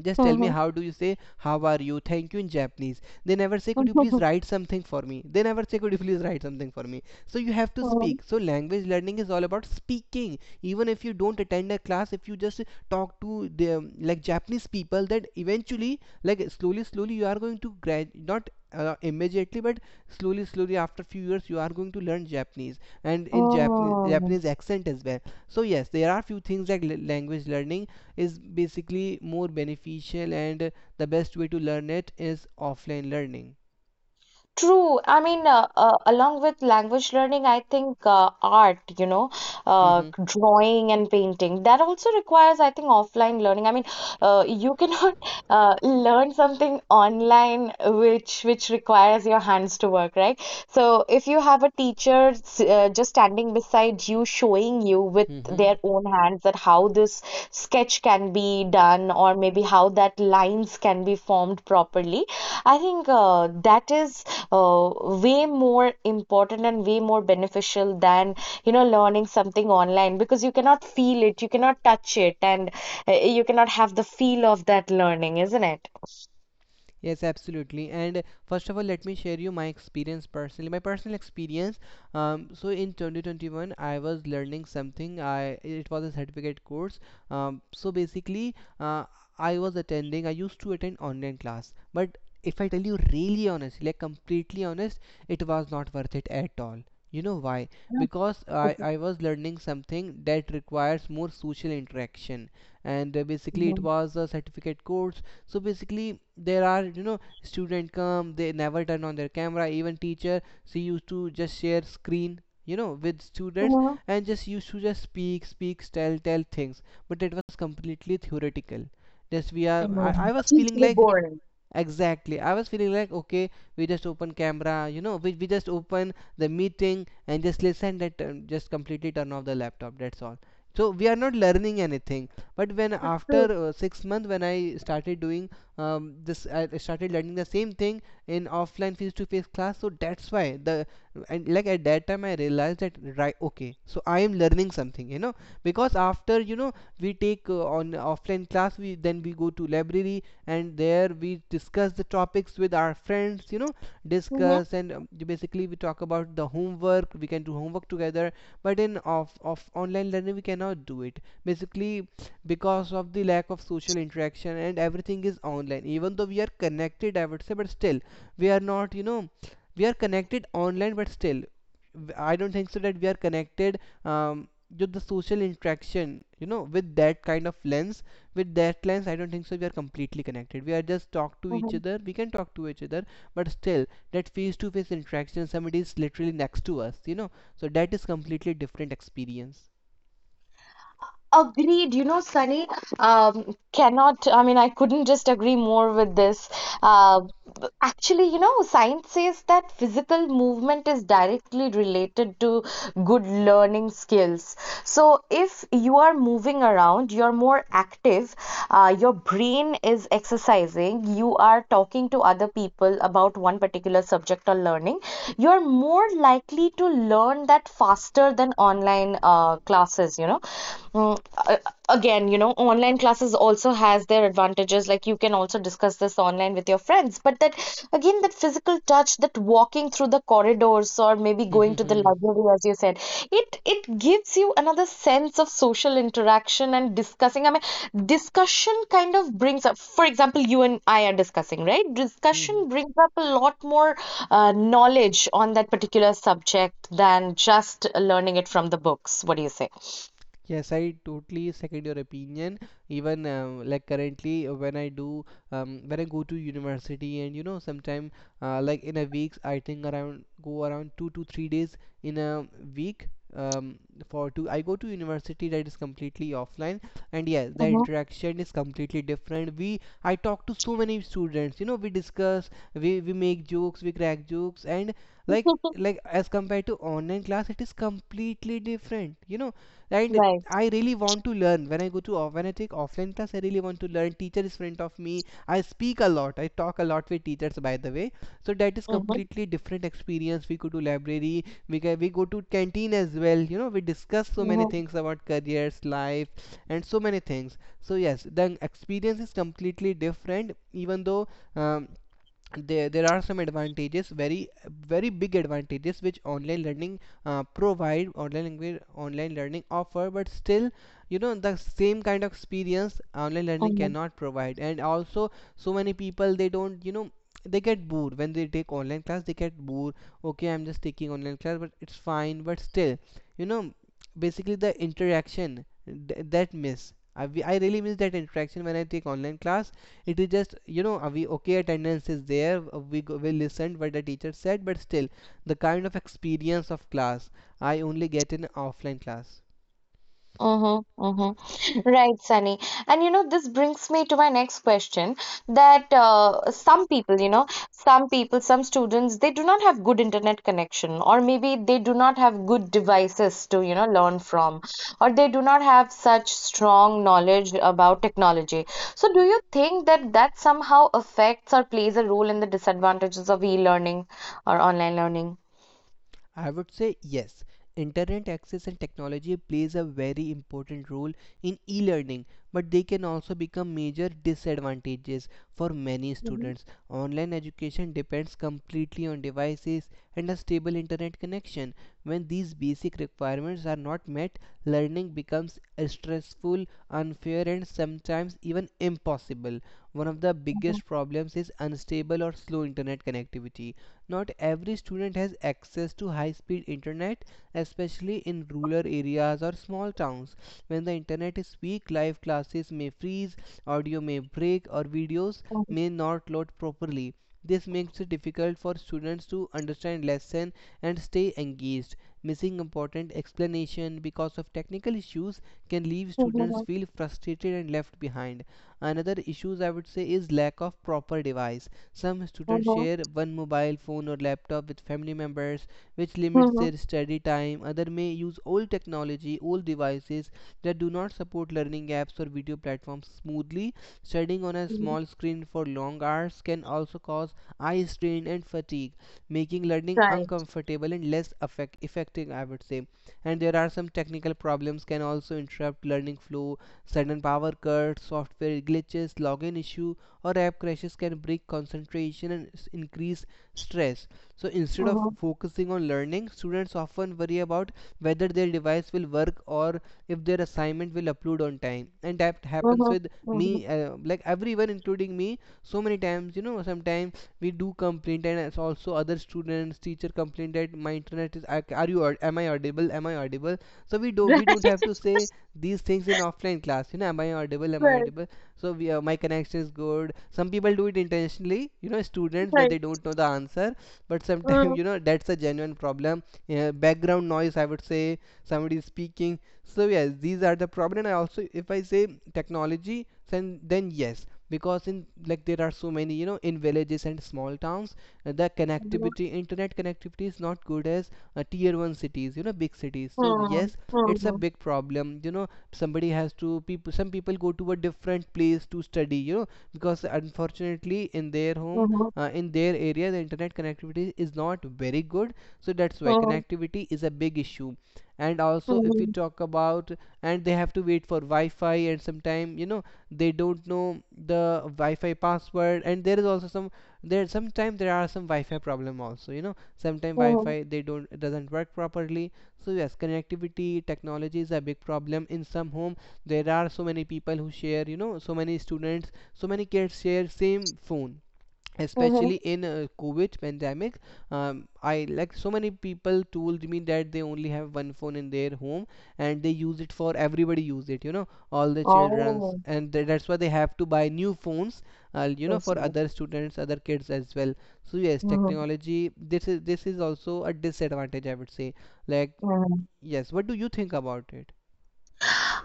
B: just tell me
A: Mm-hmm.
B: how do you say how are you, thank you in Japanese. They never say could you please write something for me. They never say could you please write something for me. So you have to
A: Mm-hmm.
B: speak. So language learning is all about speaking. Even if you don't attend a class, if you just talk to the like Japanese people, that eventually like slowly slowly you are going to grad, not immediately, but slowly slowly after few years you are going to learn Japanese. And in Japanese,
A: Oh.
B: Japanese accent as well. So yes, there are few things like language learning is basically more beneficial, and the best way to learn it is offline learning.
A: True. I mean, along with language learning, I think art, you know, drawing and painting, that also requires, I think, offline learning. I mean, you cannot learn something online which requires your hands to work, right? So, if you have a teacher just standing beside you, showing you with their own hands that how this sketch can be done, or maybe how that lines can be formed properly, I think that is uh, way more important and way more beneficial than, you know, learning something online, because you cannot feel it, you cannot touch it, and you cannot have the feel of that learning, isn't it?
B: Yes, absolutely. And first of all, let me share you my experience personally. My personal experience. So in 2021, I was learning something. I It was a certificate course. So basically, uh, I was attending. I used to attend online class. But if I tell you really honestly, like completely honest, it was not worth it at all. You know why? Because I was learning something that requires more social interaction, and basically it
A: Mhm.
B: was a certificate course. So basically there are, you know, student come, they never turn on their camera. Even teacher, she used to just share screen, you know, with students,
A: Mhm.
B: and just used to just speak speak, tell tell things. But it was completely theoretical. Just we are, I,
A: Mhm.
B: I was feeling
A: Deeply
B: like,
A: boring.
B: exactly, I was feeling like, okay, we just open camera, you know, we just open the meeting and just listen, that turn, just completely turn off the laptop. That's all. So we are not learning anything. But when after 6 months, when I started doing this, I started learning the same thing in offline face-to-face class. So that's why the, and like at that time I realized that right, okay, so I am learning something, you know. Because after, you know, we take on offline class, we then we go to library, and there we discuss the topics with our friends, you know,
A: True.
B: discuss. And basically we talk about the homework, we can do homework together. But in off of online learning, we cannot do it basically because of the lack of social interaction, and everything is online. Even though we are connected, I would say, but still we are not, you know, we are connected online, but still I don't think so that we are connected um with the social interaction, you know, with that kind of lens, with that lens, I don't think so we are completely connected. We are just talk to each
A: Mhm.
B: other, we can talk to each other, but still that face to face interaction, somebody is literally next to us, you know. So that is completely different experience.
A: Agreed. You know, Sunny, cannot, I mean, I couldn't just agree more with this. Uh, Actually, you know, science says that physical movement is directly related to good learning skills. So, if you are moving around, you're more active, your brain is exercising, you are talking to other people about one particular subject or learning. You're more likely to learn that faster than online classes, you know. Mm, again, you know, online classes also has their advantages, like you can also discuss this online with your friends. But that again, that physical touch, that walking through the corridors, or maybe going to the library, as you said, it gives you another sense of social interaction and discussing, I mean, discussion kind of brings up, for example, you and I are discussing, right? Discussion brings up a lot more knowledge on that particular subject than just learning it from the books. What do you say?
B: Yes, I totally second your opinion. Even like currently, when I do, when I go to university, and you know, sometime like in a week, I think around go around 2 to 3 days in a week. Um, for to I go to university that is completely offline, and yes, the
A: Hmm.
B: interaction is completely different. We I talk to so many students, you know, we discuss, we make jokes, we crack jokes. And like as compared to online class, it is completely different, you know. And I really want to learn. When I go to off when I take offline class, I really want to learn. Teacher is friend of me. I speak a lot, I talk a lot with teachers, by the way. So that is
A: Mhm,
B: completely different experience. We go to library, we go to canteen as well, you know, we discuss so many
A: mhm,
B: things about careers, life, and so many things. So yes, the experience is completely different, even though um, there are some advantages, very very big advantages, which online learning provide, online language, online learning offer. But still, you know, the same kind of experience online learning
A: mhm,
B: cannot provide. And also, so many people, they don't, you know, they get bored when they take online class, they get bored. Okay, I'm just taking online class, but it's fine. But still, you know, basically the interaction that miss, I really miss that interaction. When I take online class, it is just, you know, we, okay, attendance is there, we go, we listened what the teacher said, but still the kind of experience of class I only get in offline class,
A: mhm, mhm. Right, Sunny. And you know, this brings me to my next question that some people, you know, some students, they do not have good internet connection, or maybe they do not have good devices to, you know, learn from, or they do not have such strong knowledge about technology. So, do you think that somehow affects or plays a role in the disadvantages of e-learning or online learning?
B: I would say. Yes. Internet access and technology plays a very important role in e-learning, but they can also become major disadvantages for many
A: Mhm,
B: students. Online education depends completely on devices and a stable internet connection. When these basic requirements are not met, learning becomes stressful, unfair, and sometimes even impossible. One of the
A: mhm,
B: biggest problems is unstable or slow internet connectivity. Not every student has access to high speed internet, especially in rural areas or small towns. When the internet is weak, live classes may freeze, audio may break, or videos
A: mhm,
B: may not load properly. This makes it difficult for students to understand lesson and stay engaged. Missing important explanation because of technical issues can leave students
A: mhm,
B: feel frustrated and left behind. Another issues, I would say, is lack of proper device. Some students
A: mhm,
B: share one mobile phone or laptop with family members, which limits
A: mhm.
B: their study time. Other may use old technology, old devices that do not support learning apps or video platforms smoothly. Studying on a
A: Mhm.
B: small screen for long hours can also cause eye strain and fatigue, making learning
A: Right.
B: uncomfortable and less effective, I would say. And there are some technical problems can also interrupt learning flow. Sudden power cuts, software glitches, login issue, or app crashes can break concentration and increase stress. So instead of
A: Mhm.
B: focusing on learning, students often worry about whether their device will work or if their assignment will upload on time. And that happens
A: Mhm.
B: with
A: Mhm.
B: me, like everyone, including me, so many times. You know, sometimes we do complain, and also other students, teacher complain that my internet is. Are you? Am I audible? Am I audible? We don't have to say these things in offline class, you know, am I audible, am
A: Right.
B: I
A: Right.
B: audible? So we, my connection is good. Some people do it intentionally, you know, students when
A: Right.
B: they don't know the answer. But sometimes
A: Mhm.
B: you know, that's a genuine problem. Background noise, I would say, somebody is speaking. So yes, these are the problem. And I also, if I say technology, then yes, because in like there are so many, you know, in villages and small towns, the
A: Mhm.
B: connectivity, internet connectivity is not good as tier 1 cities, you know, big cities. So yes, it's a
A: Mhm.
B: big problem, you know, somebody has to, people, some people go to a different place to study, you know, because unfortunately in their home,
A: Mhm.
B: in their area the internet connectivity is not very good. So that's why
A: Mhm.
B: connectivity is a big issue. And
A: Mhm.
B: also, if we
A: Mhm.
B: talk about, and they have to wait for Wi-Fi, and sometime, you know, they don't know the Wi-Fi password. And there is also some, there sometimes there are some Wi-Fi problem also, you know, sometimes
A: Mhm.
B: Wi-Fi they don't doesn't work properly. So yes, connectivity, technology is a big problem in some home. There are so many people who share, you know, so many students, so many kids share same phone.
A: Mhm.
B: Especially in COVID pandemic, I, like so many people told me that they only have one phone in their home, and they use it for, everybody use it, you know, all the childrens,
A: Oh,
B: and that's why they have to buy new phones, you
A: so
B: know, for
A: silly. Sweet.
B: other students, other kids as well. So yes,
A: Mhm.
B: technology, this is, this is also a disadvantage, I would say. Like,
A: Mhm.
B: yes, what do you think about it?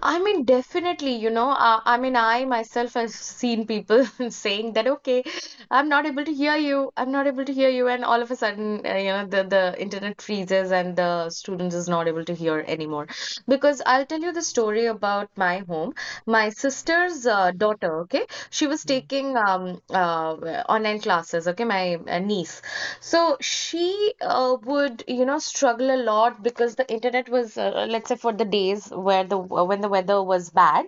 A: I mean, definitely, you know, I mean, I myself have seen people saying that, okay, I'm not able to hear you. I'm not able to hear you. And all of a sudden, you know, the internet freezes and the student is not able to hear anymore. Because I'll tell you the story about my home. My sister's daughter, okay, she was
B: Hmm.
A: taking online classes, okay, my niece. So she would, you know, struggle a lot because the internet was, let's say, for the days where the when the weather was bad,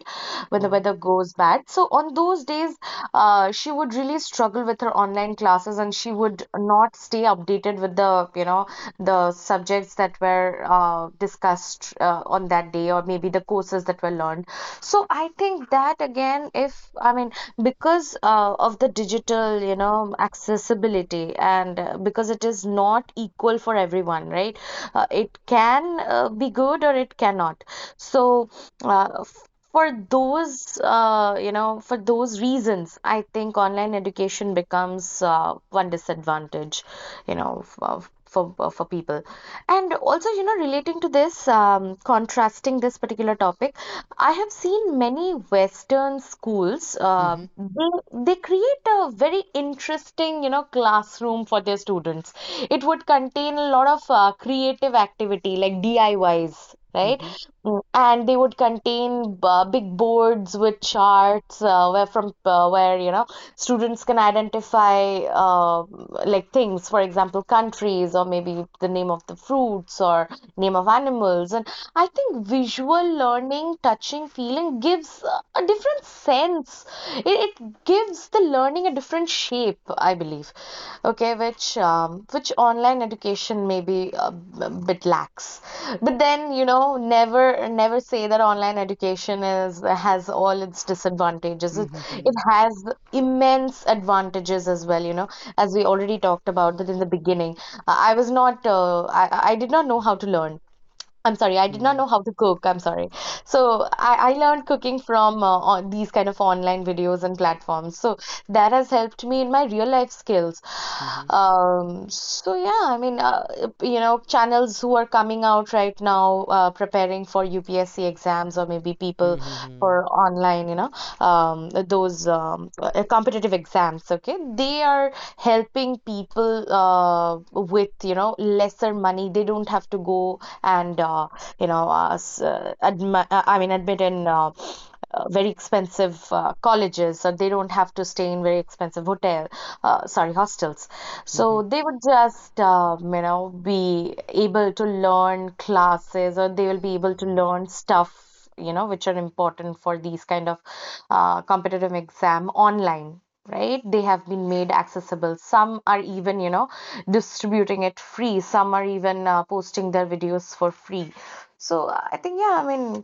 A: when the
B: Hmm.
A: weather goes bad that. So on those days, she would really struggle with her online classes and she would not stay updated with the, you know, the subjects that were discussed on that day, or maybe the courses that were learned. So I think that again, if I mean, because of the digital, you know, accessibility, and because it is not equal for everyone, right? It can be good or it cannot. So, uh, for those, you know, for those reasons, I think online education becomes one disadvantage, you know, for people. And also, you know, relating to this, contrasting this particular topic, I have seen many Western schools.
B: Hmm.
A: They create a very interesting, you know, classroom for their students. It would contain a lot of creative activity like DIYs,
B: Hmm.
A: right?
B: Hmm.
A: Mm. And they would contain big boards with charts where from where, you know, students can identify like things, for example, countries, or maybe the name of the fruits, or name of animals. And I think visual learning, touching, feeling gives a different sense. It gives the learning a different shape, I believe. Okay, which online education maybe a bit lacks. But then, you know, never say that online education is has all its disadvantages. It
B: Hmm.
A: it
B: Hmm.
A: has immense advantages as well. As we already talked about that in the beginning. I was not I did not know how to learn. I'm sorry, I did not
B: Hmm.
A: know how to cook. I'm sorry. So I learned cooking from on these kind of online videos and platforms. So that has helped me in my real life skills.
B: Hmm.
A: So channels who are coming out right now, preparing for UPSC exams or maybe
B: Hmm.
A: people
B: Hmm.
A: for online, you know, those competitive exams. Okay, they are helping people with you know lesser money. They don't have to go and you know s- admi- I mean admit in very expensive colleges, or they don't have to stay in very expensive hotel, sorry, hostels. So they would just you know be able to learn classes, or they will be able to learn stuff you know which are important for these kind of competitive exam online, right? They have been made accessible. Some are even, you know, distributing it free. Some are even posting their videos for free. So I think, yeah, I mean,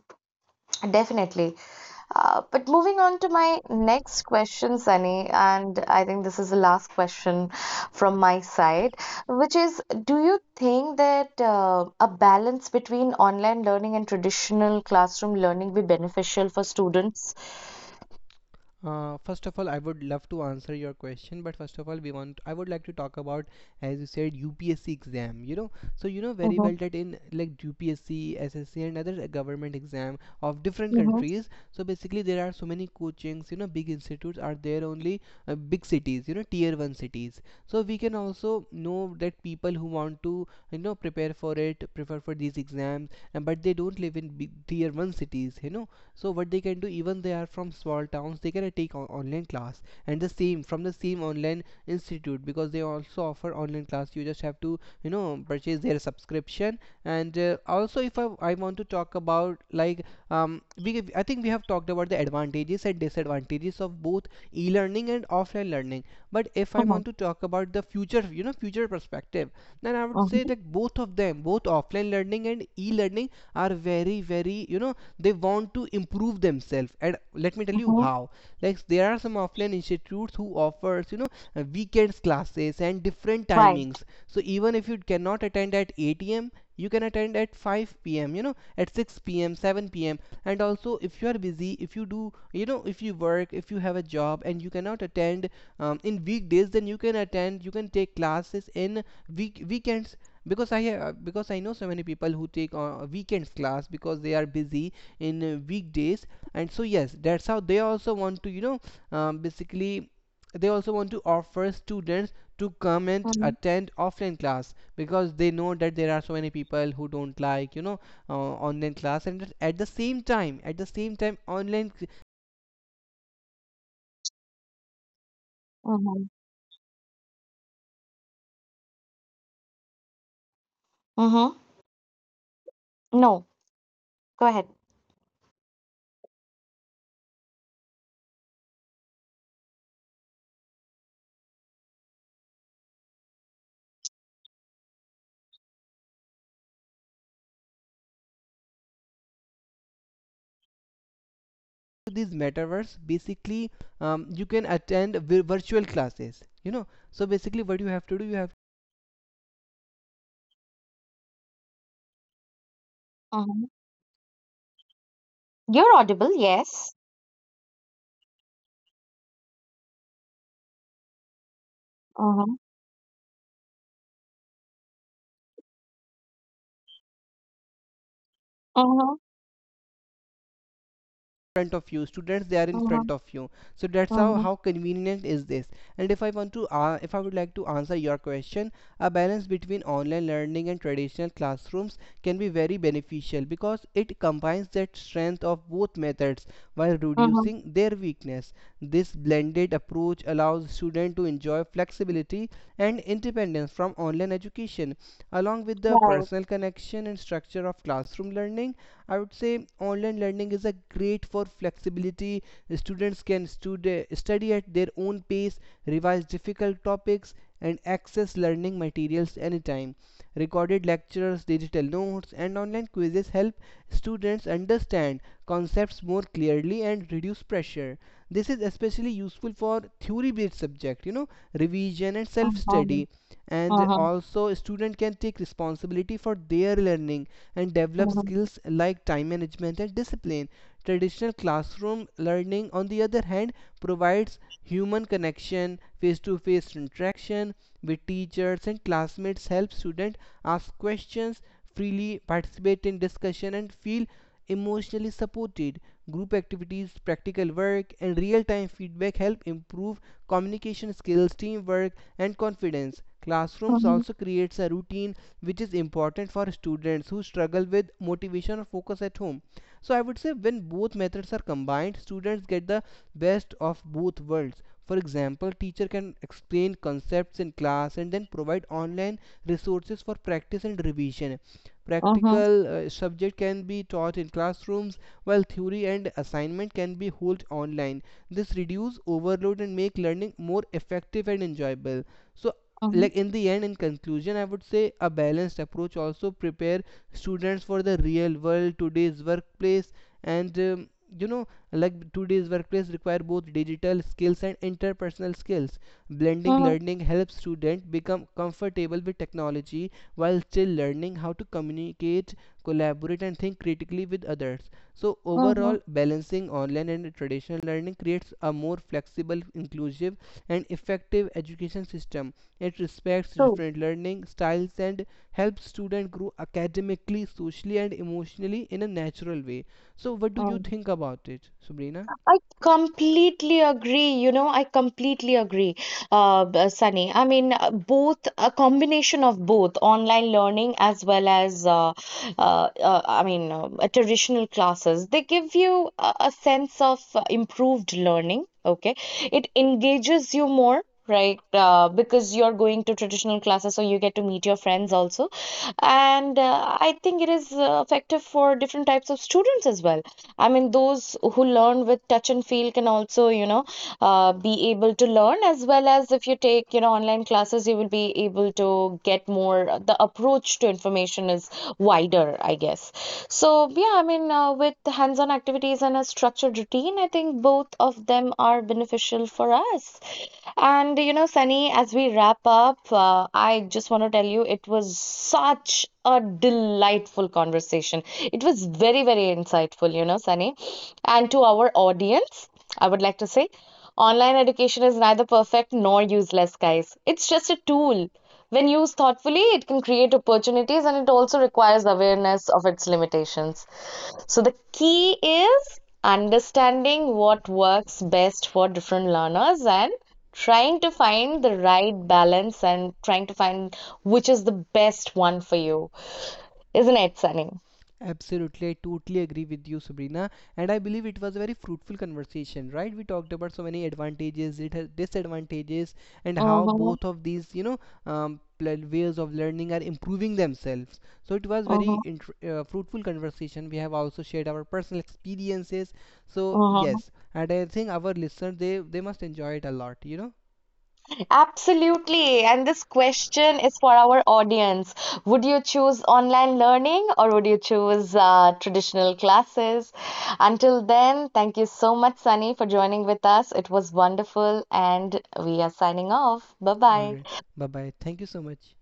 A: definitely. But moving on to my next question, Sunny, and I think this is the last question from my side, which is, do you think that a balance between online learning and traditional classroom learning be beneficial for students?
B: First of all, I would love to answer your question, but first of all, we want I would like to talk about, as you said, UPSC exam. You know, so you know very
A: Mm-hmm,
B: well that in like UPSC, SSC, and other government exam of different
A: mm-hmm,
B: countries. So basically, there are so many coachings. You know, big institutes are there only big cities. You know, tier one cities. So we can also know that people who want to, you know, prepare for it, prepare for these exams, and but they don't live in big tier one cities. You know, so what they can do, even they are from small towns, they can take online class and the same from the same online institute because they also offer online class. You just have to, you know, purchase their subscription. And also if I want to talk about, like, we, I think we have talked about the advantages and disadvantages of both e-learning and offline learning, but if I
A: mm-hmm,
B: want to talk about the future, you know, future perspective, then I would say that both of them, both offline learning and e-learning, are very, very, you know, they want to improve themselves. And let me tell you
A: mm-hmm,
B: how. Like, there are some offline institutes who offers, you know, weekends classes and different timings. So even if you cannot attend at 8 a.m., you can attend at 5 p.m., you know, at 6 p.m., 7 p.m. And also if you are busy, if you do, you know, if you work, if you have a job and you cannot attend in weekdays, then you can attend, you can take classes in weekends, because I have, because I know so many people who take weekends class because they are busy in weekdays. And so yes, that's how they also want to, you know, basically they also want to offer students to come and
A: mhm,
B: attend offline class because they know that there are so many people who don't like, you know, online class. And at the same time, online,
A: mhm, mhm. No, go ahead.
B: these metaverse, basically, you can attend virtual classes. You know, so basically what you have to do, you have
A: Mhm. You're audible, yes. Mhm, mhm,
B: front of you, students, they are in
A: mhm,
B: front of you. So that's how
A: mhm,
B: how convenient is this. And if I want to, if I would like to answer your question, a balance between online learning and traditional classrooms can be very beneficial because it combines that strength of both methods while
A: mhm.
B: reducing their weakness. This blended approach allows students to enjoy flexibility and independence from online education along with the
A: Right.
B: personal connection and structure of classroom learning. I would say online learning is a great for flexibility. Students can study at their own pace, revise difficult topics, and access learning materials anytime. Recorded lectures, digital notes, and online quizzes help students understand concepts more clearly and reduce pressure. This is especially useful for theory based subject, you know, revision and self
A: Mhm, mhm,
B: study. And
A: mhm,
B: also student can take responsibility for their learning and develop
A: mhm,
B: skills like time management and discipline. Traditional classroom learning, on the other hand, provides human connection. Face to face interaction with teachers and classmates help students ask questions freely, participate in discussion, and feel emotionally supported. Group activities, practical work, and real time feedback help improve communication skills, teamwork, and confidence. Classrooms also creates a routine which is important for students who struggle with motivation or focus at home. So I would say when both methods are combined, students get the best of both worlds. For example, teacher can explain concepts in class and then provide online resources for practice and revision.
A: mhm,
B: Practical subject can be taught in classrooms while theory and assignment can be held online. This reduces overload and make learning more effective and enjoyable. So,
A: mhm,
B: like, in the end, in conclusion, I would say a balanced approach also prepare students for the real world. Today's workplace and, you know, like today's workplace require both digital skills and interpersonal skills. Blending
A: mhm,
B: learning helps students become comfortable with technology while still learning how to communicate, collaborate, and think critically with others. So
A: mhm.
B: overall, balancing online and traditional learning creates a more flexible, inclusive, and effective education system. It respects
A: True.
B: different learning styles and helps students grow academically, socially, and emotionally in a natural way. So, what do you
A: Mm-hmm.
B: think about it, Sabrina?
A: I completely agree. You know, I completely agree, Sunny. Both a combination of both online learning as well as, traditional classes. They give you a sense of improved learning. Okay, it engages you more. Right, because you're going to traditional classes, so you get to meet your friends also. And I think it is effective for different types of students as well. I mean, those who learn with touch and feel can also you know be able to learn, as well as if you take you know online classes you will be able to get more. The approach to information is wider, I guess. So yeah, I mean, with hands on activities and a structured routine I think both of them are beneficial for us. And you know, Sunny, as we wrap up, I just want to tell you it was such a delightful conversation. It was very, very insightful, you know, Sunny. And to our audience, I would like to say online education is neither perfect nor useless, guys. It's just a tool. When used thoughtfully, it can create opportunities, and it also requires awareness of its limitations. So the key is understanding what works best for different learners and trying to find the right balance and trying to find which is the best one for you, isn't it, Sunny?
B: Absolutely, I totally agree with you, Sabrina. And I believe it was a very fruitful conversation, right? We talked about so many advantages, it has disadvantages, and how
A: Mm-hmm,
B: both of these, you know, ways of learning are improving themselves. So it was very
A: mm-hmm,
B: fruitful conversation. We have also shared our personal experiences. So
A: mm-hmm.
B: yes, and I think our listeners, they must enjoy it a lot, you know.
A: Absolutely. And this question is for our audience. Would you choose online learning, or would you choose traditional classes? Until then, thank you so much, Sunny, for joining with us. It was wonderful, and we are signing off. Bye
B: All
A: bye.
B: right, bye bye. Thank you so much.